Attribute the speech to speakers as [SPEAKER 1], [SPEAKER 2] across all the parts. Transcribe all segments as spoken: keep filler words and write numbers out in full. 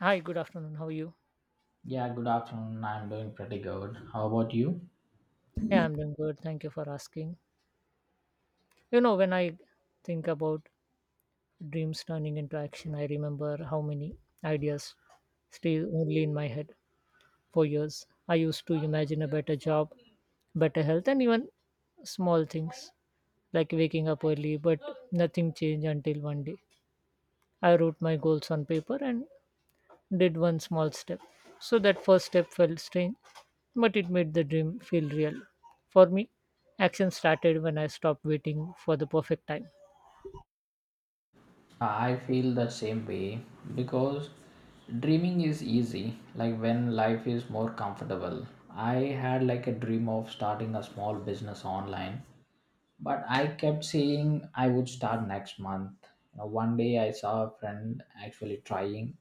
[SPEAKER 1] Hi, good afternoon. How are you?
[SPEAKER 2] Yeah, good afternoon. I'm doing pretty good. How about you?
[SPEAKER 1] Yeah, I'm doing good. Thank you for asking. You know, when I think about dreams turning into action, I remember how many ideas stay only in my head for years. I used to imagine a better job, better health, and even small things like waking up early, but nothing changed until one day. I wrote my goals on paper and did one small step. So that first step felt strange, but it made the dream feel real. For me, action started when I stopped waiting for the perfect time.
[SPEAKER 2] I feel the same way because dreaming is easy, like when life is more comfortable. I had like a dream of starting a small business online, but I kept saying I would start next month you know One day I saw a friend actually trying,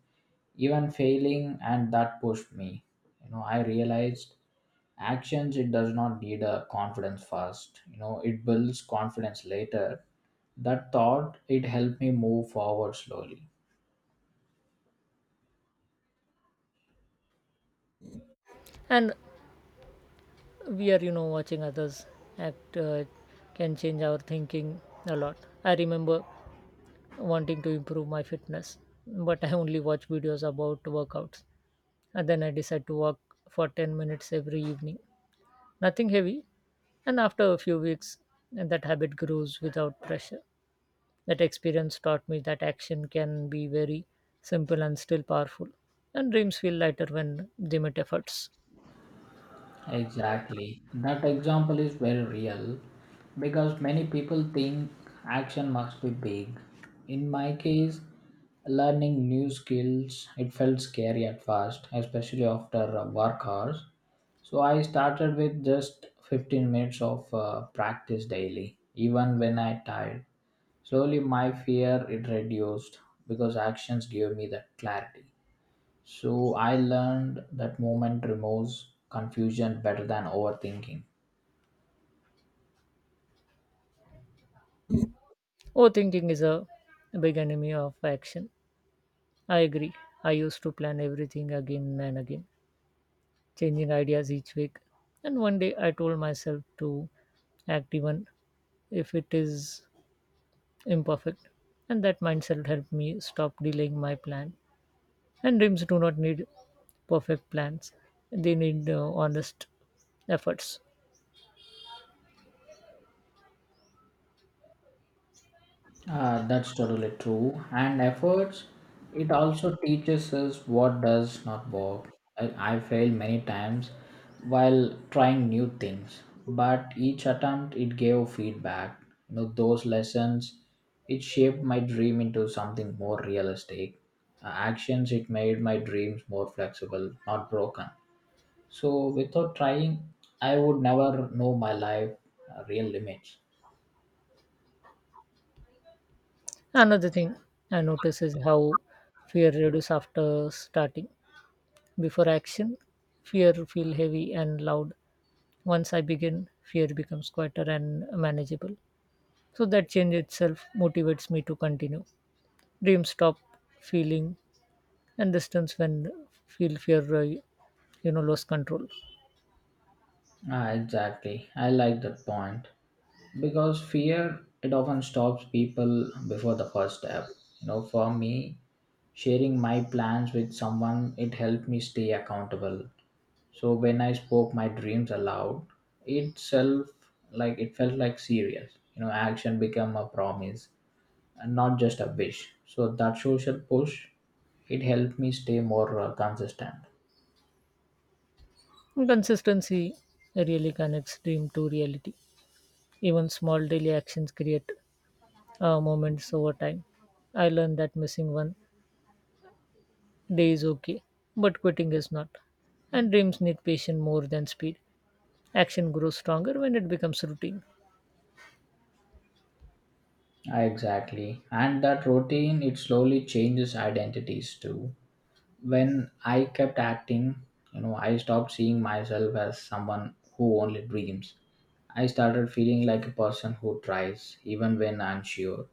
[SPEAKER 2] even failing, and that pushed me you know I realized actions, it does not need a confidence first you know It builds confidence later. That thought, it helped me move forward slowly.
[SPEAKER 1] And we are, you know, watching others act, uh, can change our thinking a lot. I remember wanting to improve my fitness, but I only watch videos about workouts. And then I decide to walk for ten minutes every evening. Nothing heavy. And after a few weeks, that habit grows without pressure. That experience taught me that action can be very simple and still powerful, and dreams feel lighter when they meet efforts.
[SPEAKER 2] Exactly. That example is very real because many people think action must be big. In my case, learning new skills, it felt scary at first, especially after uh, work hours. So I started with just fifteen minutes of uh, practice daily, even when I tired. Slowly my fear it reduced because actions gave me that clarity. So I learned that movement removes confusion better than overthinking.
[SPEAKER 1] Overthinking is a big enemy of action. I agree. I used to plan everything again and again, changing ideas each week. And one day I told myself to act even if it is imperfect. And that mindset helped me stop delaying my plan. And dreams do not need perfect plans, they need uh, honest efforts.
[SPEAKER 2] Uh, that's totally true. And efforts, it also teaches us what does not work. I, I failed many times while trying new things, but each attempt it gave feedback. You know those lessons, it shaped my dream into something more realistic. Uh, actions it made my dreams more flexible, not broken. So without trying, I would never know my life uh, real limits.
[SPEAKER 1] Another thing I notice is how fear reduces after starting. Before action, fear feel heavy and loud. Once I begin, fear becomes quieter and manageable. So that change itself motivates me to continue. Dreams stop feeling and distance when feel fear, uh, you know lost control.
[SPEAKER 2] Ah, exactly. I like that point because fear it often stops people before the first step. You know, for me, sharing my plans with someone it helped me stay accountable. So when I spoke my dreams aloud, itself like it felt like serious. You know, action became a promise and not just a wish. So that social push, it helped me stay more uh, consistent.
[SPEAKER 1] And consistency really connects dream to reality. Even small daily actions create, uh, moments over time. I learned that missing one Day is okay, but quitting is not. And dreams need patience more than speed. Action grows stronger when it becomes routine.
[SPEAKER 2] Ah, exactly. And that routine, it slowly changes identities too. When I kept acting, you know, I stopped seeing myself as someone who only dreams. I started feeling like a person who tries, even when unsure.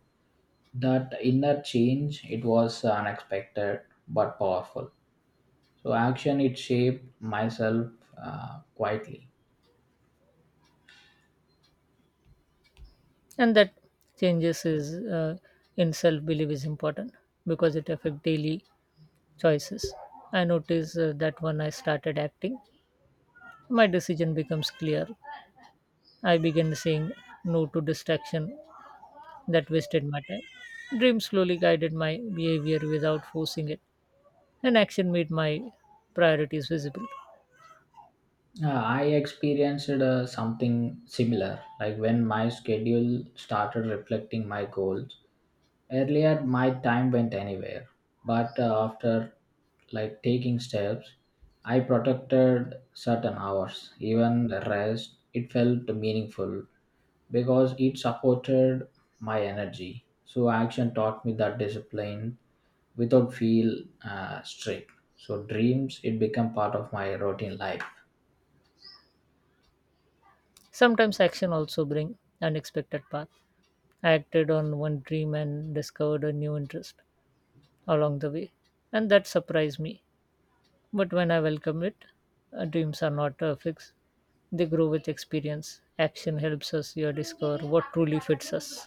[SPEAKER 2] That inner change, it was unexpected but powerful. So action, it shaped myself uh, quietly.
[SPEAKER 1] And that changes is, uh, in self belief is important because it affects daily choices. I noticed uh, that when I started acting, my decision becomes clear. I began saying no to distraction that wasted my time. Dreams slowly guided my behavior without forcing it, and action made my priorities visible.
[SPEAKER 2] Yeah, I experienced uh, something similar, like when my schedule started reflecting my goals. Earlier, my time went anywhere, but uh, after like taking steps, I protected certain hours, even the rest. It felt meaningful because it supported my energy. So action taught me that discipline without feel uh, strict. So dreams, it became part of my routine life.
[SPEAKER 1] Sometimes action also bring unexpected path. I acted on one dream and discovered a new interest along the way, and that surprised me. But when I welcome it, uh, dreams are not uh, fixed. They grow with experience. Action helps us here discover what truly fits us.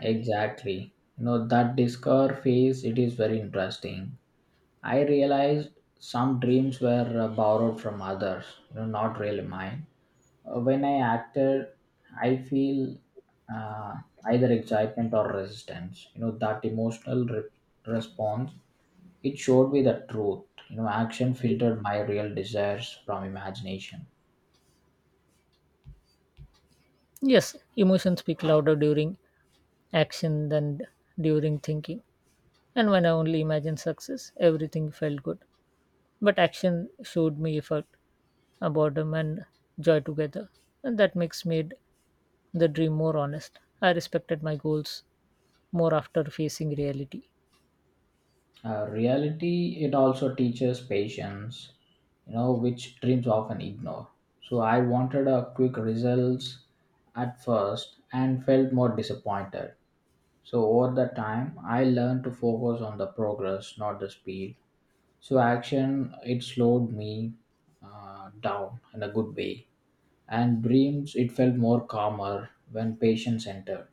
[SPEAKER 2] Exactly. You know, that discover phase, it is very interesting. I realized some dreams were uh, borrowed from others, you know, not really mine. Uh, When I acted, I feel uh, either excitement or resistance. You know, that emotional re- response, it showed me the truth. You know, action filtered my real desires from imagination.
[SPEAKER 1] Yes, emotions speak louder during action than during thinking. And when I only imagined success, everything felt good. But action showed me effort, uh, boredom and joy together. And that mix made the dream more honest. I respected my goals more after facing reality.
[SPEAKER 2] Uh, reality, it also teaches patience, you know, which dreams often ignore. So I wanted a quick results at first and felt more disappointed. So over the time, I learned to focus on the progress, not the speed. So action, it slowed me uh, down in a good way. And dreams, it felt more calmer when patience entered.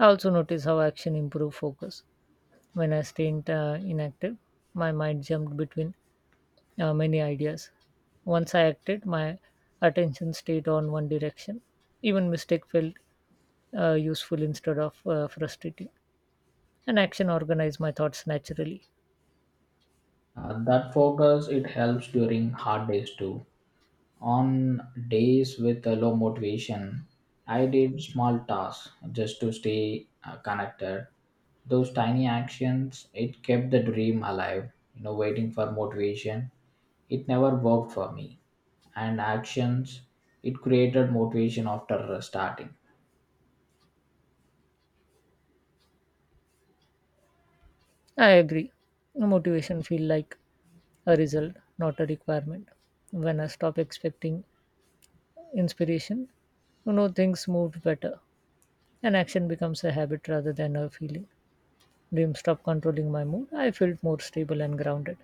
[SPEAKER 1] I also noticed how action improved focus. When I stayed uh, inactive, my mind jumped between uh, many ideas. Once I acted, my attention stayed on one direction. Even mistake felt uh, useful instead of uh, frustrating. And action organized my thoughts naturally.
[SPEAKER 2] Uh, that focus, it helps during hard days too. On days with a low motivation, I did small tasks just to stay uh, connected. Those tiny actions, it kept the dream alive. You know, waiting for motivation, it never worked for me. And actions, it created motivation after starting.
[SPEAKER 1] I agree. Motivation feel like a result, not a requirement. When I stop expecting inspiration, you know things move better. And action becomes a habit rather than a feeling. Dreams stop controlling my mood. I felt more stable and grounded.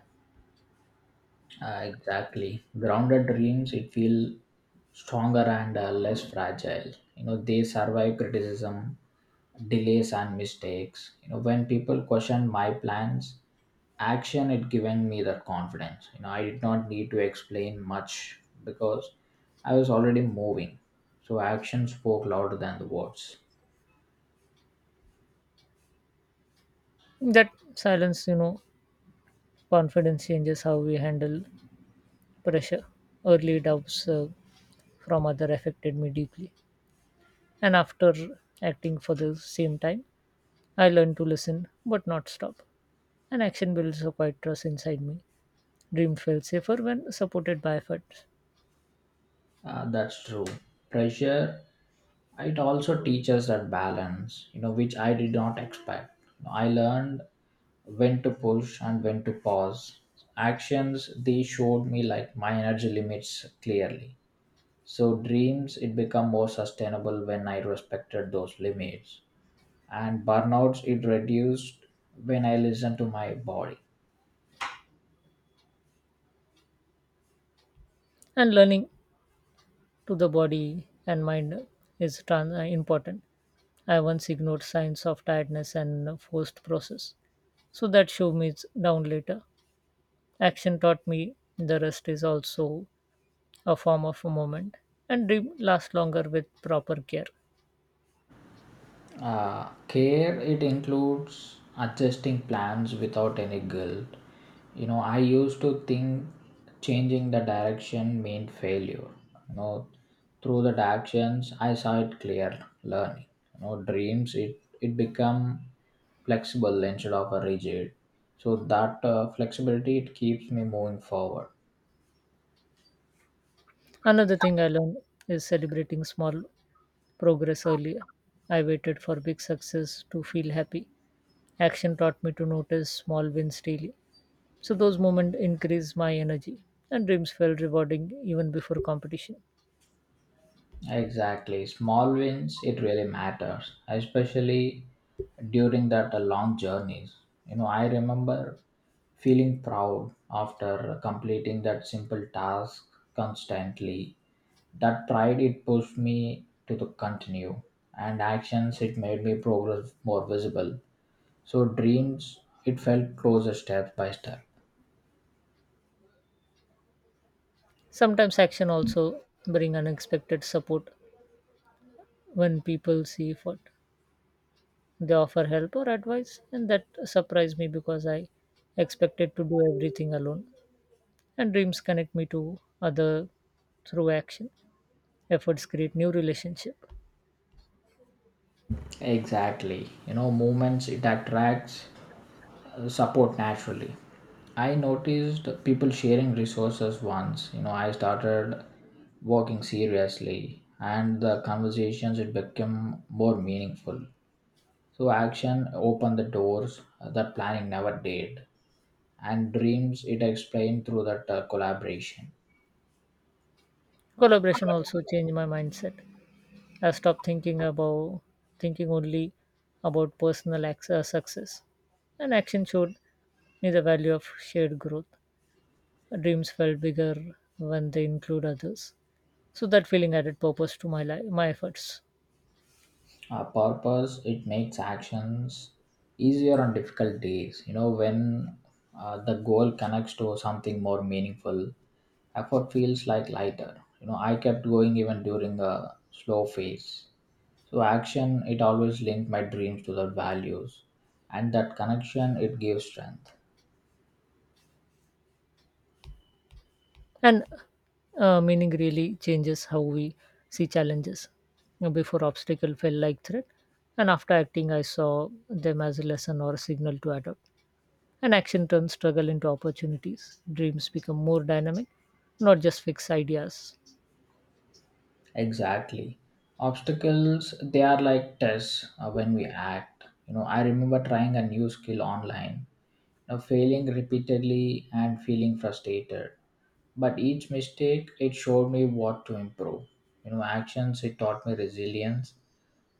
[SPEAKER 2] Uh, exactly. Grounded dreams, it feel stronger and uh, less fragile. You know, they survive criticism, delays, and mistakes. You know, when people question my plans, action it given me that confidence. You know, I did not need to explain much because I was already moving. So action spoke louder than the words.
[SPEAKER 1] That silence, you know, confidence changes how we handle pressure. Early doubts, uh, from other affected me deeply. And after acting for the same time, I learned to listen but not stop. And action builds a quiet trust inside me. Dream feels safer when supported by efforts.
[SPEAKER 2] Uh, that's true. Pressure, it also teaches that balance, you know, which I did not expect. I learned when to push and when to pause. Actions, they showed me like my energy limits clearly. So dreams, it become more sustainable when I respected those limits. And burnouts, it reduced when I listened to my body.
[SPEAKER 1] And learning to the body and mind is trans- uh, important. I once ignored signs of tiredness and forced process, so that show me it's down later. Action taught me the rest is also a form of a moment, and dream lasts longer with proper care.
[SPEAKER 2] Uh, care it includes adjusting plans without any guilt. You know, I used to think changing the direction meant failure. You know, through the actions, I saw it clear learning. You know, dreams it it become flexible instead of a rigid. So that uh, flexibility it keeps me moving forward.
[SPEAKER 1] Another thing I learned is celebrating small progress earlier. I waited for big success to feel happy. Action taught me to notice small wins daily. So those moments increased my energy and dreams felt rewarding even before competition.
[SPEAKER 2] Exactly. Small wins, it really matters, especially during that uh, long journeys. You know, I remember feeling proud after completing that simple task constantly. That pride, it pushed me to the continue and actions, it made me progress more visible. So dreams, it felt closer step by step.
[SPEAKER 1] Sometimes action also bring unexpected support when people see effort. They offer help or advice and that surprised me because I expected to do everything alone. And dreams connect me to other through action. Efforts create new relationship.
[SPEAKER 2] Exactly. You know, movements it attracts uh, support naturally. I noticed people sharing resources once. You know, I started working seriously and the conversations it became more meaningful. So action opened the doors that planning never did and dreams it explained through that uh, collaboration.
[SPEAKER 1] Collaboration also changed my mindset. I stopped thinking about thinking only about personal ac- uh, success. And action showed me the value of shared growth. Dreams felt bigger when they include others. So that feeling added purpose to my life, my efforts.
[SPEAKER 2] uh, purpose it makes actions easier on difficult days, you know, when uh, the goal connects to something more meaningful effort feels like lighter. You know I kept going even during a slow phase. So action it always linked my dreams to the values, and that connection it gives strength.
[SPEAKER 1] And uh, meaning really changes how we see challenges. You Before obstacle felt like threat, and after acting, I saw them as a lesson or a signal to adapt, and action turns struggle into opportunities. Dreams become more dynamic, not just fixed ideas.
[SPEAKER 2] Exactly. Obstacles, they are like tests uh, when we act. You know, I remember trying a new skill online, you know, failing repeatedly and feeling frustrated. But each mistake, it showed me what to improve. You know, actions, it taught me resilience.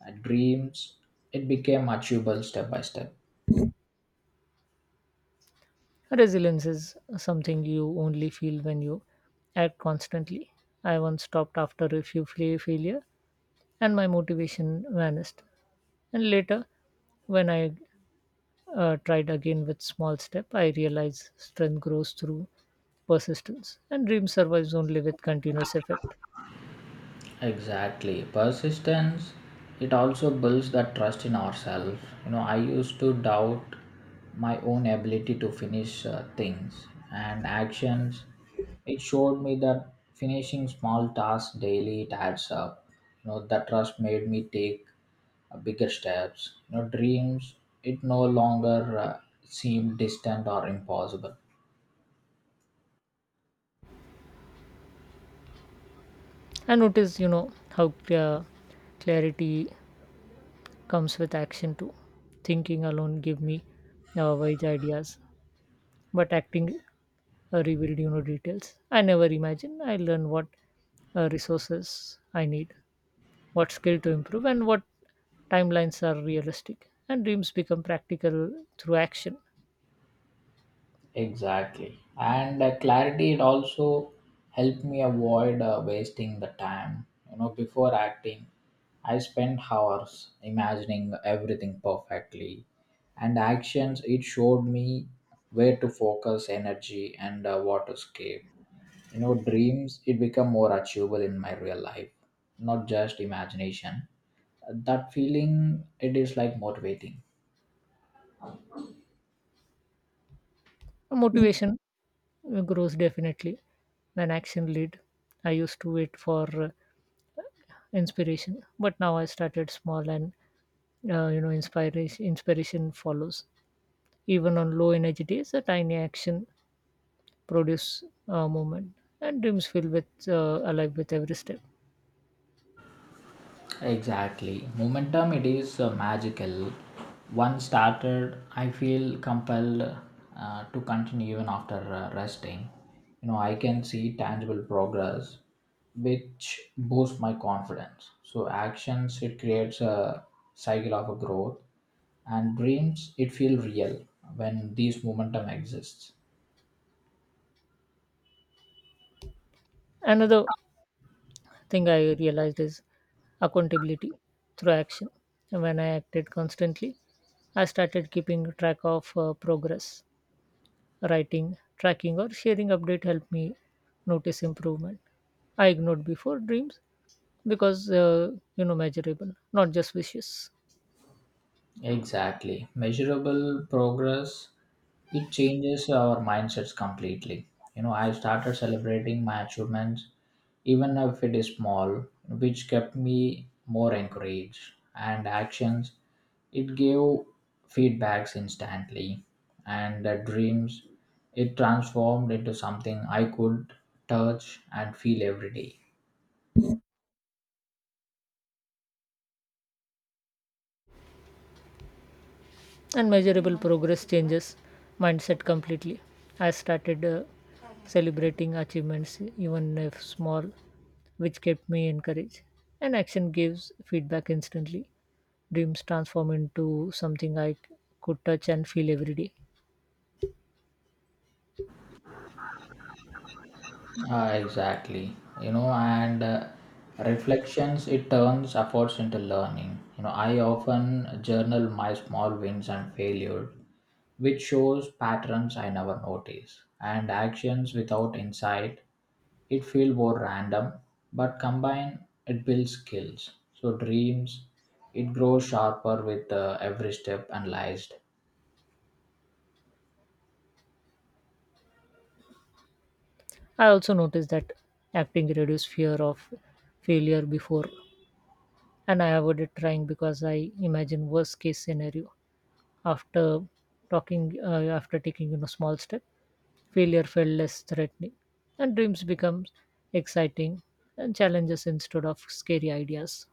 [SPEAKER 2] Uh, dreams, it became achievable step by step.
[SPEAKER 1] Resilience is something you only feel when you act constantly. I once stopped after a few fa- failure and my motivation vanished. And later, when I uh, tried again with small step, I realized strength grows through persistence and dream survives only with continuous effort.
[SPEAKER 2] Exactly. Persistence, it also builds that trust in ourselves. You know, I used to doubt my own ability to finish uh, things and actions. It showed me that finishing small tasks daily, it adds up. You know, that trust made me take uh, bigger steps. You know, dreams, it no longer uh, seemed distant or impossible.
[SPEAKER 1] I notice, you know, how uh, clarity comes with action too. Thinking alone give me uh, wise ideas, but acting, uh, revealed, you know details. I never imagine. I learn what uh, resources I need, what skill to improve, and what timelines are realistic. And dreams become practical through action.
[SPEAKER 2] Exactly. And uh, clarity, it also helped me avoid uh, wasting the time. You know, before acting, I spent hours imagining everything perfectly. And actions, it showed me where to focus energy and uh, what to escape. You know, dreams, it become more achievable in my real life, not just imagination. That feeling, it is like motivating.
[SPEAKER 1] Motivation uh, grows definitely when action lead. I used to wait for uh, inspiration, but now I started small and, uh, you know inspiration inspiration follows. Even on low energy days, a tiny action produce, uh, movement, and dreams feel with, uh, alive with every step.
[SPEAKER 2] Exactly. Momentum, it is uh, magical. Once started, I feel compelled uh, to continue even after uh, resting. You know, I can see tangible progress, which boosts my confidence. So, actions, it creates a cycle of a growth, and dreams, it feel real when these momentum exists.
[SPEAKER 1] Another thing I realized is accountability through action. When I acted constantly, I started keeping track of uh, progress. Writing, tracking, or sharing update helped me notice improvement. I ignored before dreams because, uh, you know measurable, not just wishes.
[SPEAKER 2] Exactly. Measurable progress, it changes our mindsets completely. You know, I started celebrating my achievements, even if it is small, which kept me more encouraged. And actions, it gave feedbacks instantly. And the dreams, it transformed into something I could touch and feel every day.
[SPEAKER 1] And measurable progress changes mindset completely. I started uh, celebrating achievements, even if small, which kept me encouraged. And action gives feedback instantly. Dreams transform into something I c- could touch and feel every day.
[SPEAKER 2] Ah, exactly. You know, and uh, reflections, it turns efforts into learning. You know, I often journal my small wins and failures, which shows patterns I never notice. And actions without insight, it feel more random, but combined, it builds skills. So dreams, it grows sharper with uh, every step analyzed.
[SPEAKER 1] I also noticed that acting reduced fear of failure before, and I avoided trying because I imagined worst case scenario. After talking, uh, after taking, you know small step, Failure felt less threatening, and dreams become exciting and challenges instead of scary ideas.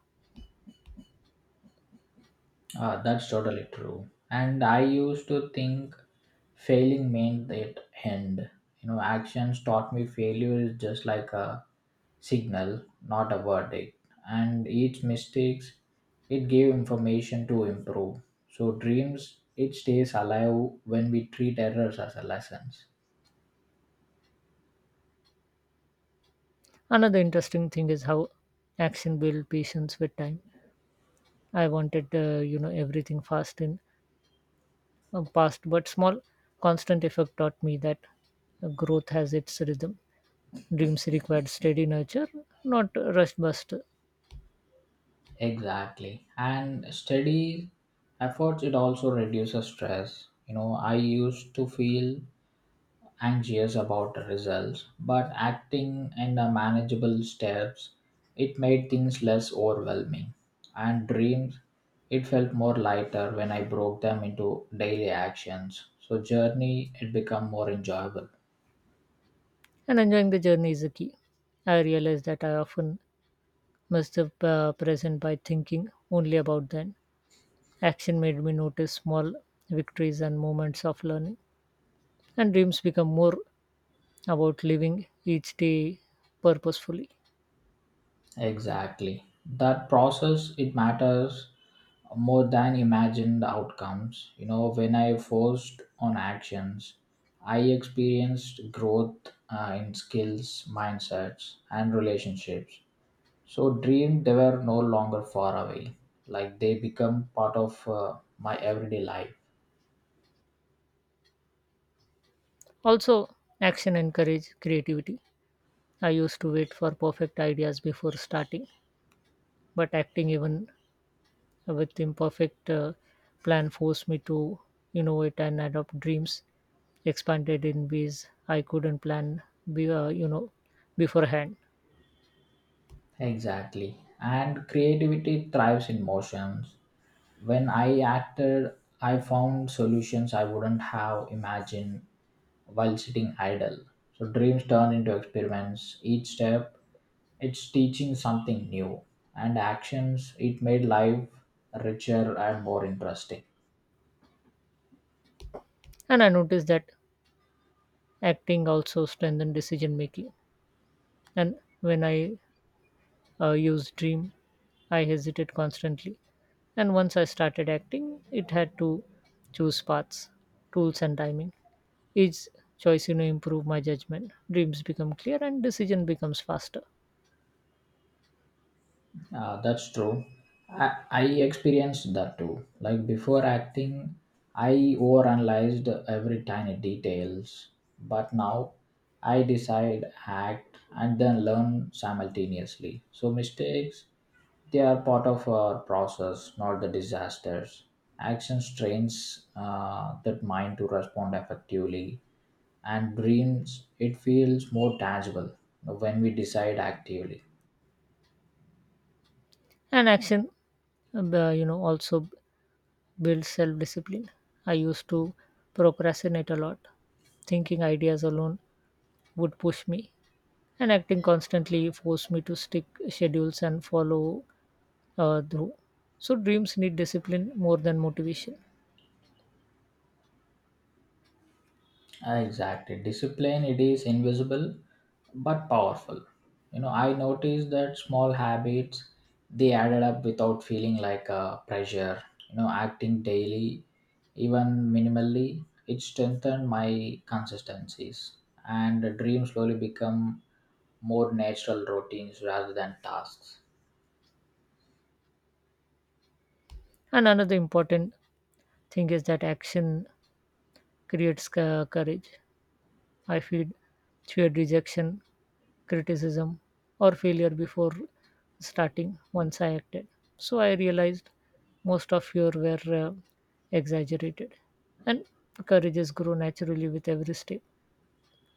[SPEAKER 2] Ah, that's totally true. And I used to think failing meant it end. You know, actions taught me failure is just like a signal, not a verdict. And each mistakes, it gave information to improve. So dreams, it stays alive when we treat errors as a lessons.
[SPEAKER 1] Another interesting thing is how action builds patience with time. I wanted, uh, you know, everything fast in uh, past, but small, constant effort taught me that uh, growth has its rhythm. Dreams require steady nurture, not rush bust.
[SPEAKER 2] Exactly. And steady efforts, it also reduces stress. You know, I used to feel anxious about the results, but acting in the manageable steps, it made things less overwhelming. And dreams, it felt more lighter when I broke them into daily actions. So journey, it become more enjoyable.
[SPEAKER 1] And enjoying the journey is the key. I realized that I often miss the uh, present by thinking only about then. Action made me notice small victories and moments of learning, and dreams become more about living each day purposefully.
[SPEAKER 2] Exactly. That process, it matters more than imagined outcomes. You know, when I forced on actions, I experienced growth uh, in skills, mindsets, and relationships. So dreams they were no longer far away. Like they become part of uh, my everyday life.
[SPEAKER 1] Also, action encourage creativity. I used to wait for perfect ideas before starting, but acting even with imperfect uh, plan forced me to innovate and adopt dreams expanded in ways I couldn't plan, be, uh, you know, beforehand.
[SPEAKER 2] Exactly. And creativity thrives in motions. When I acted, I found solutions I wouldn't have imagined while sitting idle. So dreams turn into experiments. Each step, it's teaching something new. And actions, it made life richer and more interesting.
[SPEAKER 1] And I noticed that acting also strengthened decision making. And when I uh, used dream. I hesitated constantly, and once I started acting, it had to choose paths, tools, and timing. Each choice, you know, improve my judgment. Dreams become clear, and decision becomes faster.
[SPEAKER 2] Uh, that's true. I, I experienced that too. Like before acting, I overanalyzed every tiny details. But now I decide, act, and then learn simultaneously. So mistakes, they are part of our process, not the disasters. Action strains uh, that mind to respond effectively, and dreams, it feels more tangible when we decide actively.
[SPEAKER 1] And action, uh, you know, also builds self-discipline. I used to procrastinate a lot, thinking ideas alone would push me, and acting constantly forced me to stick schedules and follow uh, through. So dreams need discipline more than motivation.
[SPEAKER 2] Ah, exactly. Discipline, it is invisible but powerful. You know, I noticed that small habits they added up without feeling like a pressure. You know, acting daily, even minimally, it strengthened my consistencies and the dream slowly become more natural routines rather than tasks.
[SPEAKER 1] And another important thing is that action creates co- courage. I feel feared rejection, criticism, or failure before starting once I acted. So I realized most of fear were uh, exaggerated. And courage has grown naturally with every step.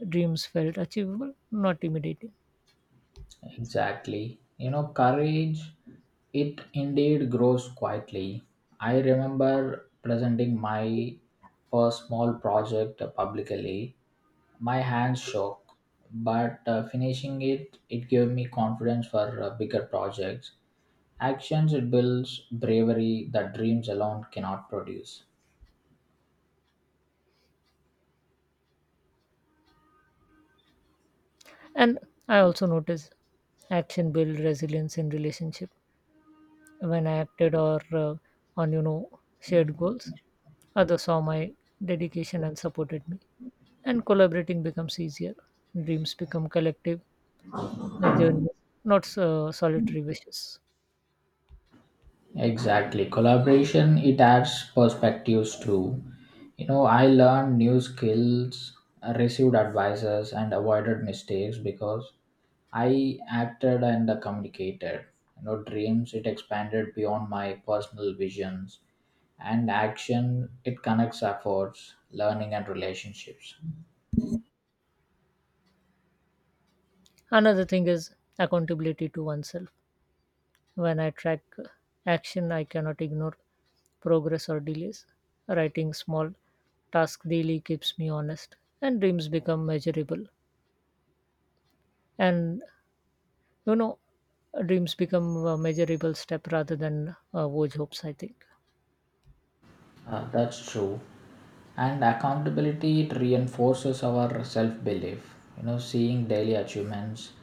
[SPEAKER 1] Dreams felt achievable, not intimidating.
[SPEAKER 2] Exactly. You know, courage, it indeed grows quietly. I remember presenting my first small project publicly. My hands shook, but uh, finishing it, it gave me confidence for uh, bigger projects. Actions, it builds bravery that dreams alone cannot produce.
[SPEAKER 1] And I also noticed action build resilience in relationship. When I acted or uh, on, you know shared goals, others saw my dedication and supported me, and collaborating becomes easier. Dreams become collective, uh, journeys, not so solitary wishes.
[SPEAKER 2] Exactly. Collaboration, it adds perspectives too. You know, I learned new skills, received advices, and avoided mistakes because I acted and communicated. You know, dreams, it expanded beyond my personal visions, and action, it connects efforts, learning, and relationships.
[SPEAKER 1] Another thing is accountability to oneself. When I track uh, action, I cannot ignore progress or delays. Writing small tasks daily keeps me honest, and dreams become measurable. And you know, dreams become a measurable step rather than uh, vague hopes. I think
[SPEAKER 2] Uh, that's true. And accountability it reinforces our self belief. You know, seeing daily achievements,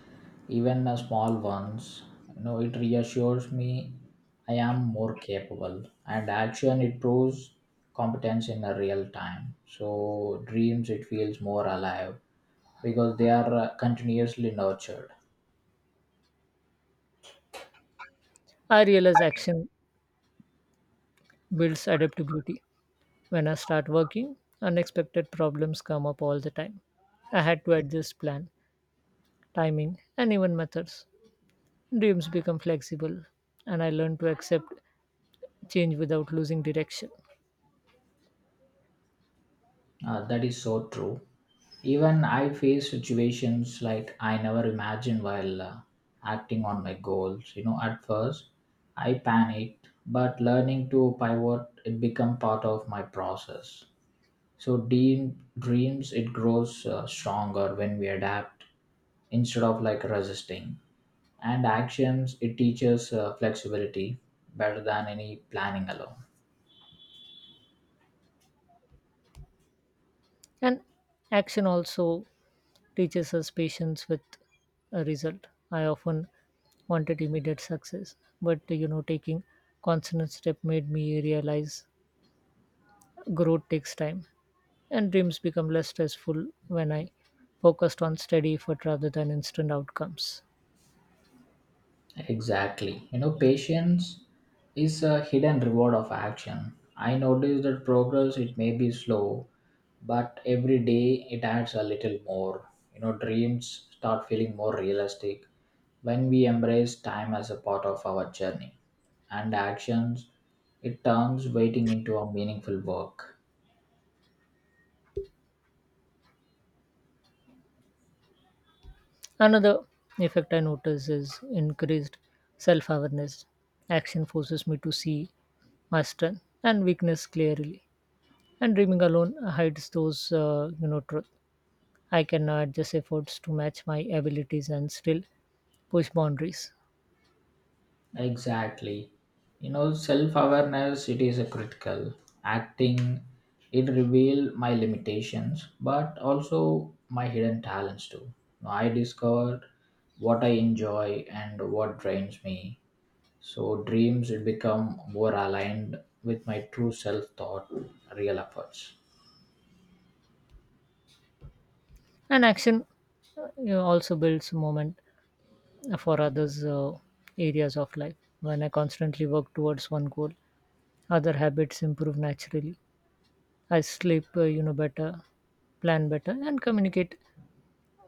[SPEAKER 2] even the small ones, you know, it reassures me I am more capable. And action it proves competence in a real time. So dreams it feels more alive because they are uh, continuously nurtured.
[SPEAKER 1] I realize action builds adaptability. When I start working, unexpected problems come up all the time. I had to adjust plan, timing, and even methods. Dreams become flexible, and I learn to accept change without losing direction.
[SPEAKER 2] Uh, that is so true. Even I face situations like I never imagined while uh, acting on my goals. You know, at first I panicked, but learning to pivot, it become part of my process. So dream, dreams, it grows uh, stronger when we adapt instead of like resisting. And actions, it teaches uh, flexibility better than any planning alone.
[SPEAKER 1] And action also teaches us patience with a result. I often wanted immediate success, but, you know, taking constant step made me realize growth takes time. And dreams become less stressful when I focused on steady effort rather than instant outcomes.
[SPEAKER 2] Exactly. You know, patience is a hidden reward of action. I notice that progress, it may be slow, but every day it adds a little more. You know, dreams start feeling more realistic when we embrace time as a part of our journey. And actions, it turns waiting into a meaningful work.
[SPEAKER 1] Another effect I notice is increased self awareness. Action forces me to see my strength and weakness clearly, and dreaming alone hides those, uh, you know, truth. I can now adjust efforts to match my abilities and still push boundaries.
[SPEAKER 2] Exactly. You know, self awareness, it is a critical. Acting, it revealed my limitations, but also my hidden talents too. Now, I discovered what I enjoy and what drains me. So, dreams, it become more aligned with my true self thought, real efforts.
[SPEAKER 1] And action, uh, you know, also builds moment for others, uh, areas of life. When I constantly work towards one goal, Other habits improve naturally. I sleep, uh, you know, better, plan better, and communicate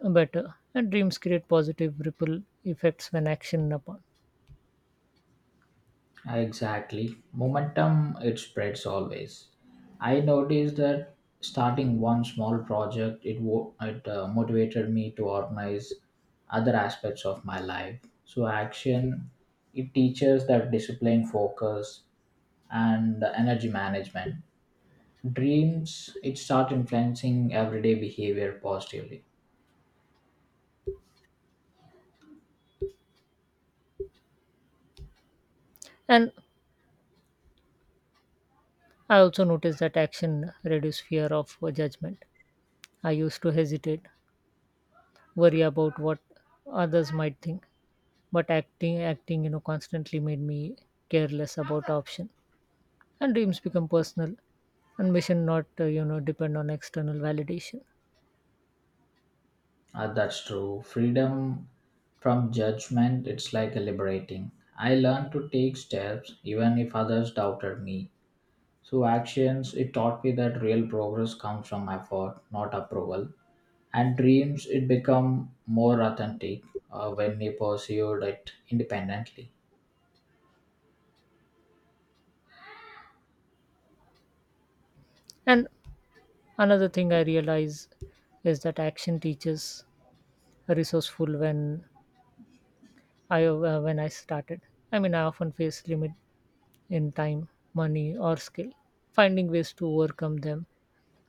[SPEAKER 1] better. And dreams create positive ripple effects when action upon.
[SPEAKER 2] Exactly. Momentum, it spreads always. I noticed that starting one small project, it, wo- it uh, motivated me to organize other aspects of my life. So, action, it teaches that discipline, focus, and the energy management. Dreams, it start influencing everyday behavior positively.
[SPEAKER 1] And I also noticed that action reduces fear of uh, judgment. I used to hesitate, worry about what others might think, but acting, acting, you know, constantly made me careless about option. And dreams become personal, and mission not, uh, you know, depend on external validation.
[SPEAKER 2] Uh, that's true. Freedom from judgment, it's like liberating. I learned to take steps even if others doubted me. So, actions, it taught me that real progress comes from effort, not approval. And dreams, it become more authentic uh, when we pursued it independently.
[SPEAKER 1] And Another thing I realize is that action teaches resourceful when I uh, when I started. I mean, I often face limit in time, money, or skill. Finding ways to overcome them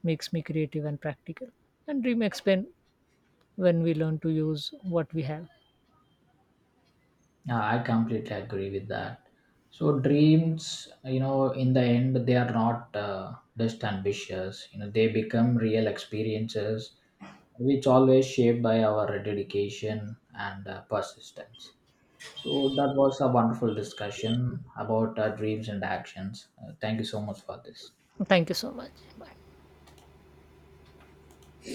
[SPEAKER 1] makes me creative and practical. And dream expand when we learn to use what we have.
[SPEAKER 2] Yeah, I completely agree with that. So dreams, you know, in the end, they are not uh, just ambitious. You know, they become real experiences, which always shaped by our dedication and uh, persistence. So that was a wonderful discussion about uh, dreams and actions. Uh, thank you so much for this.
[SPEAKER 1] Thank you so much. Bye.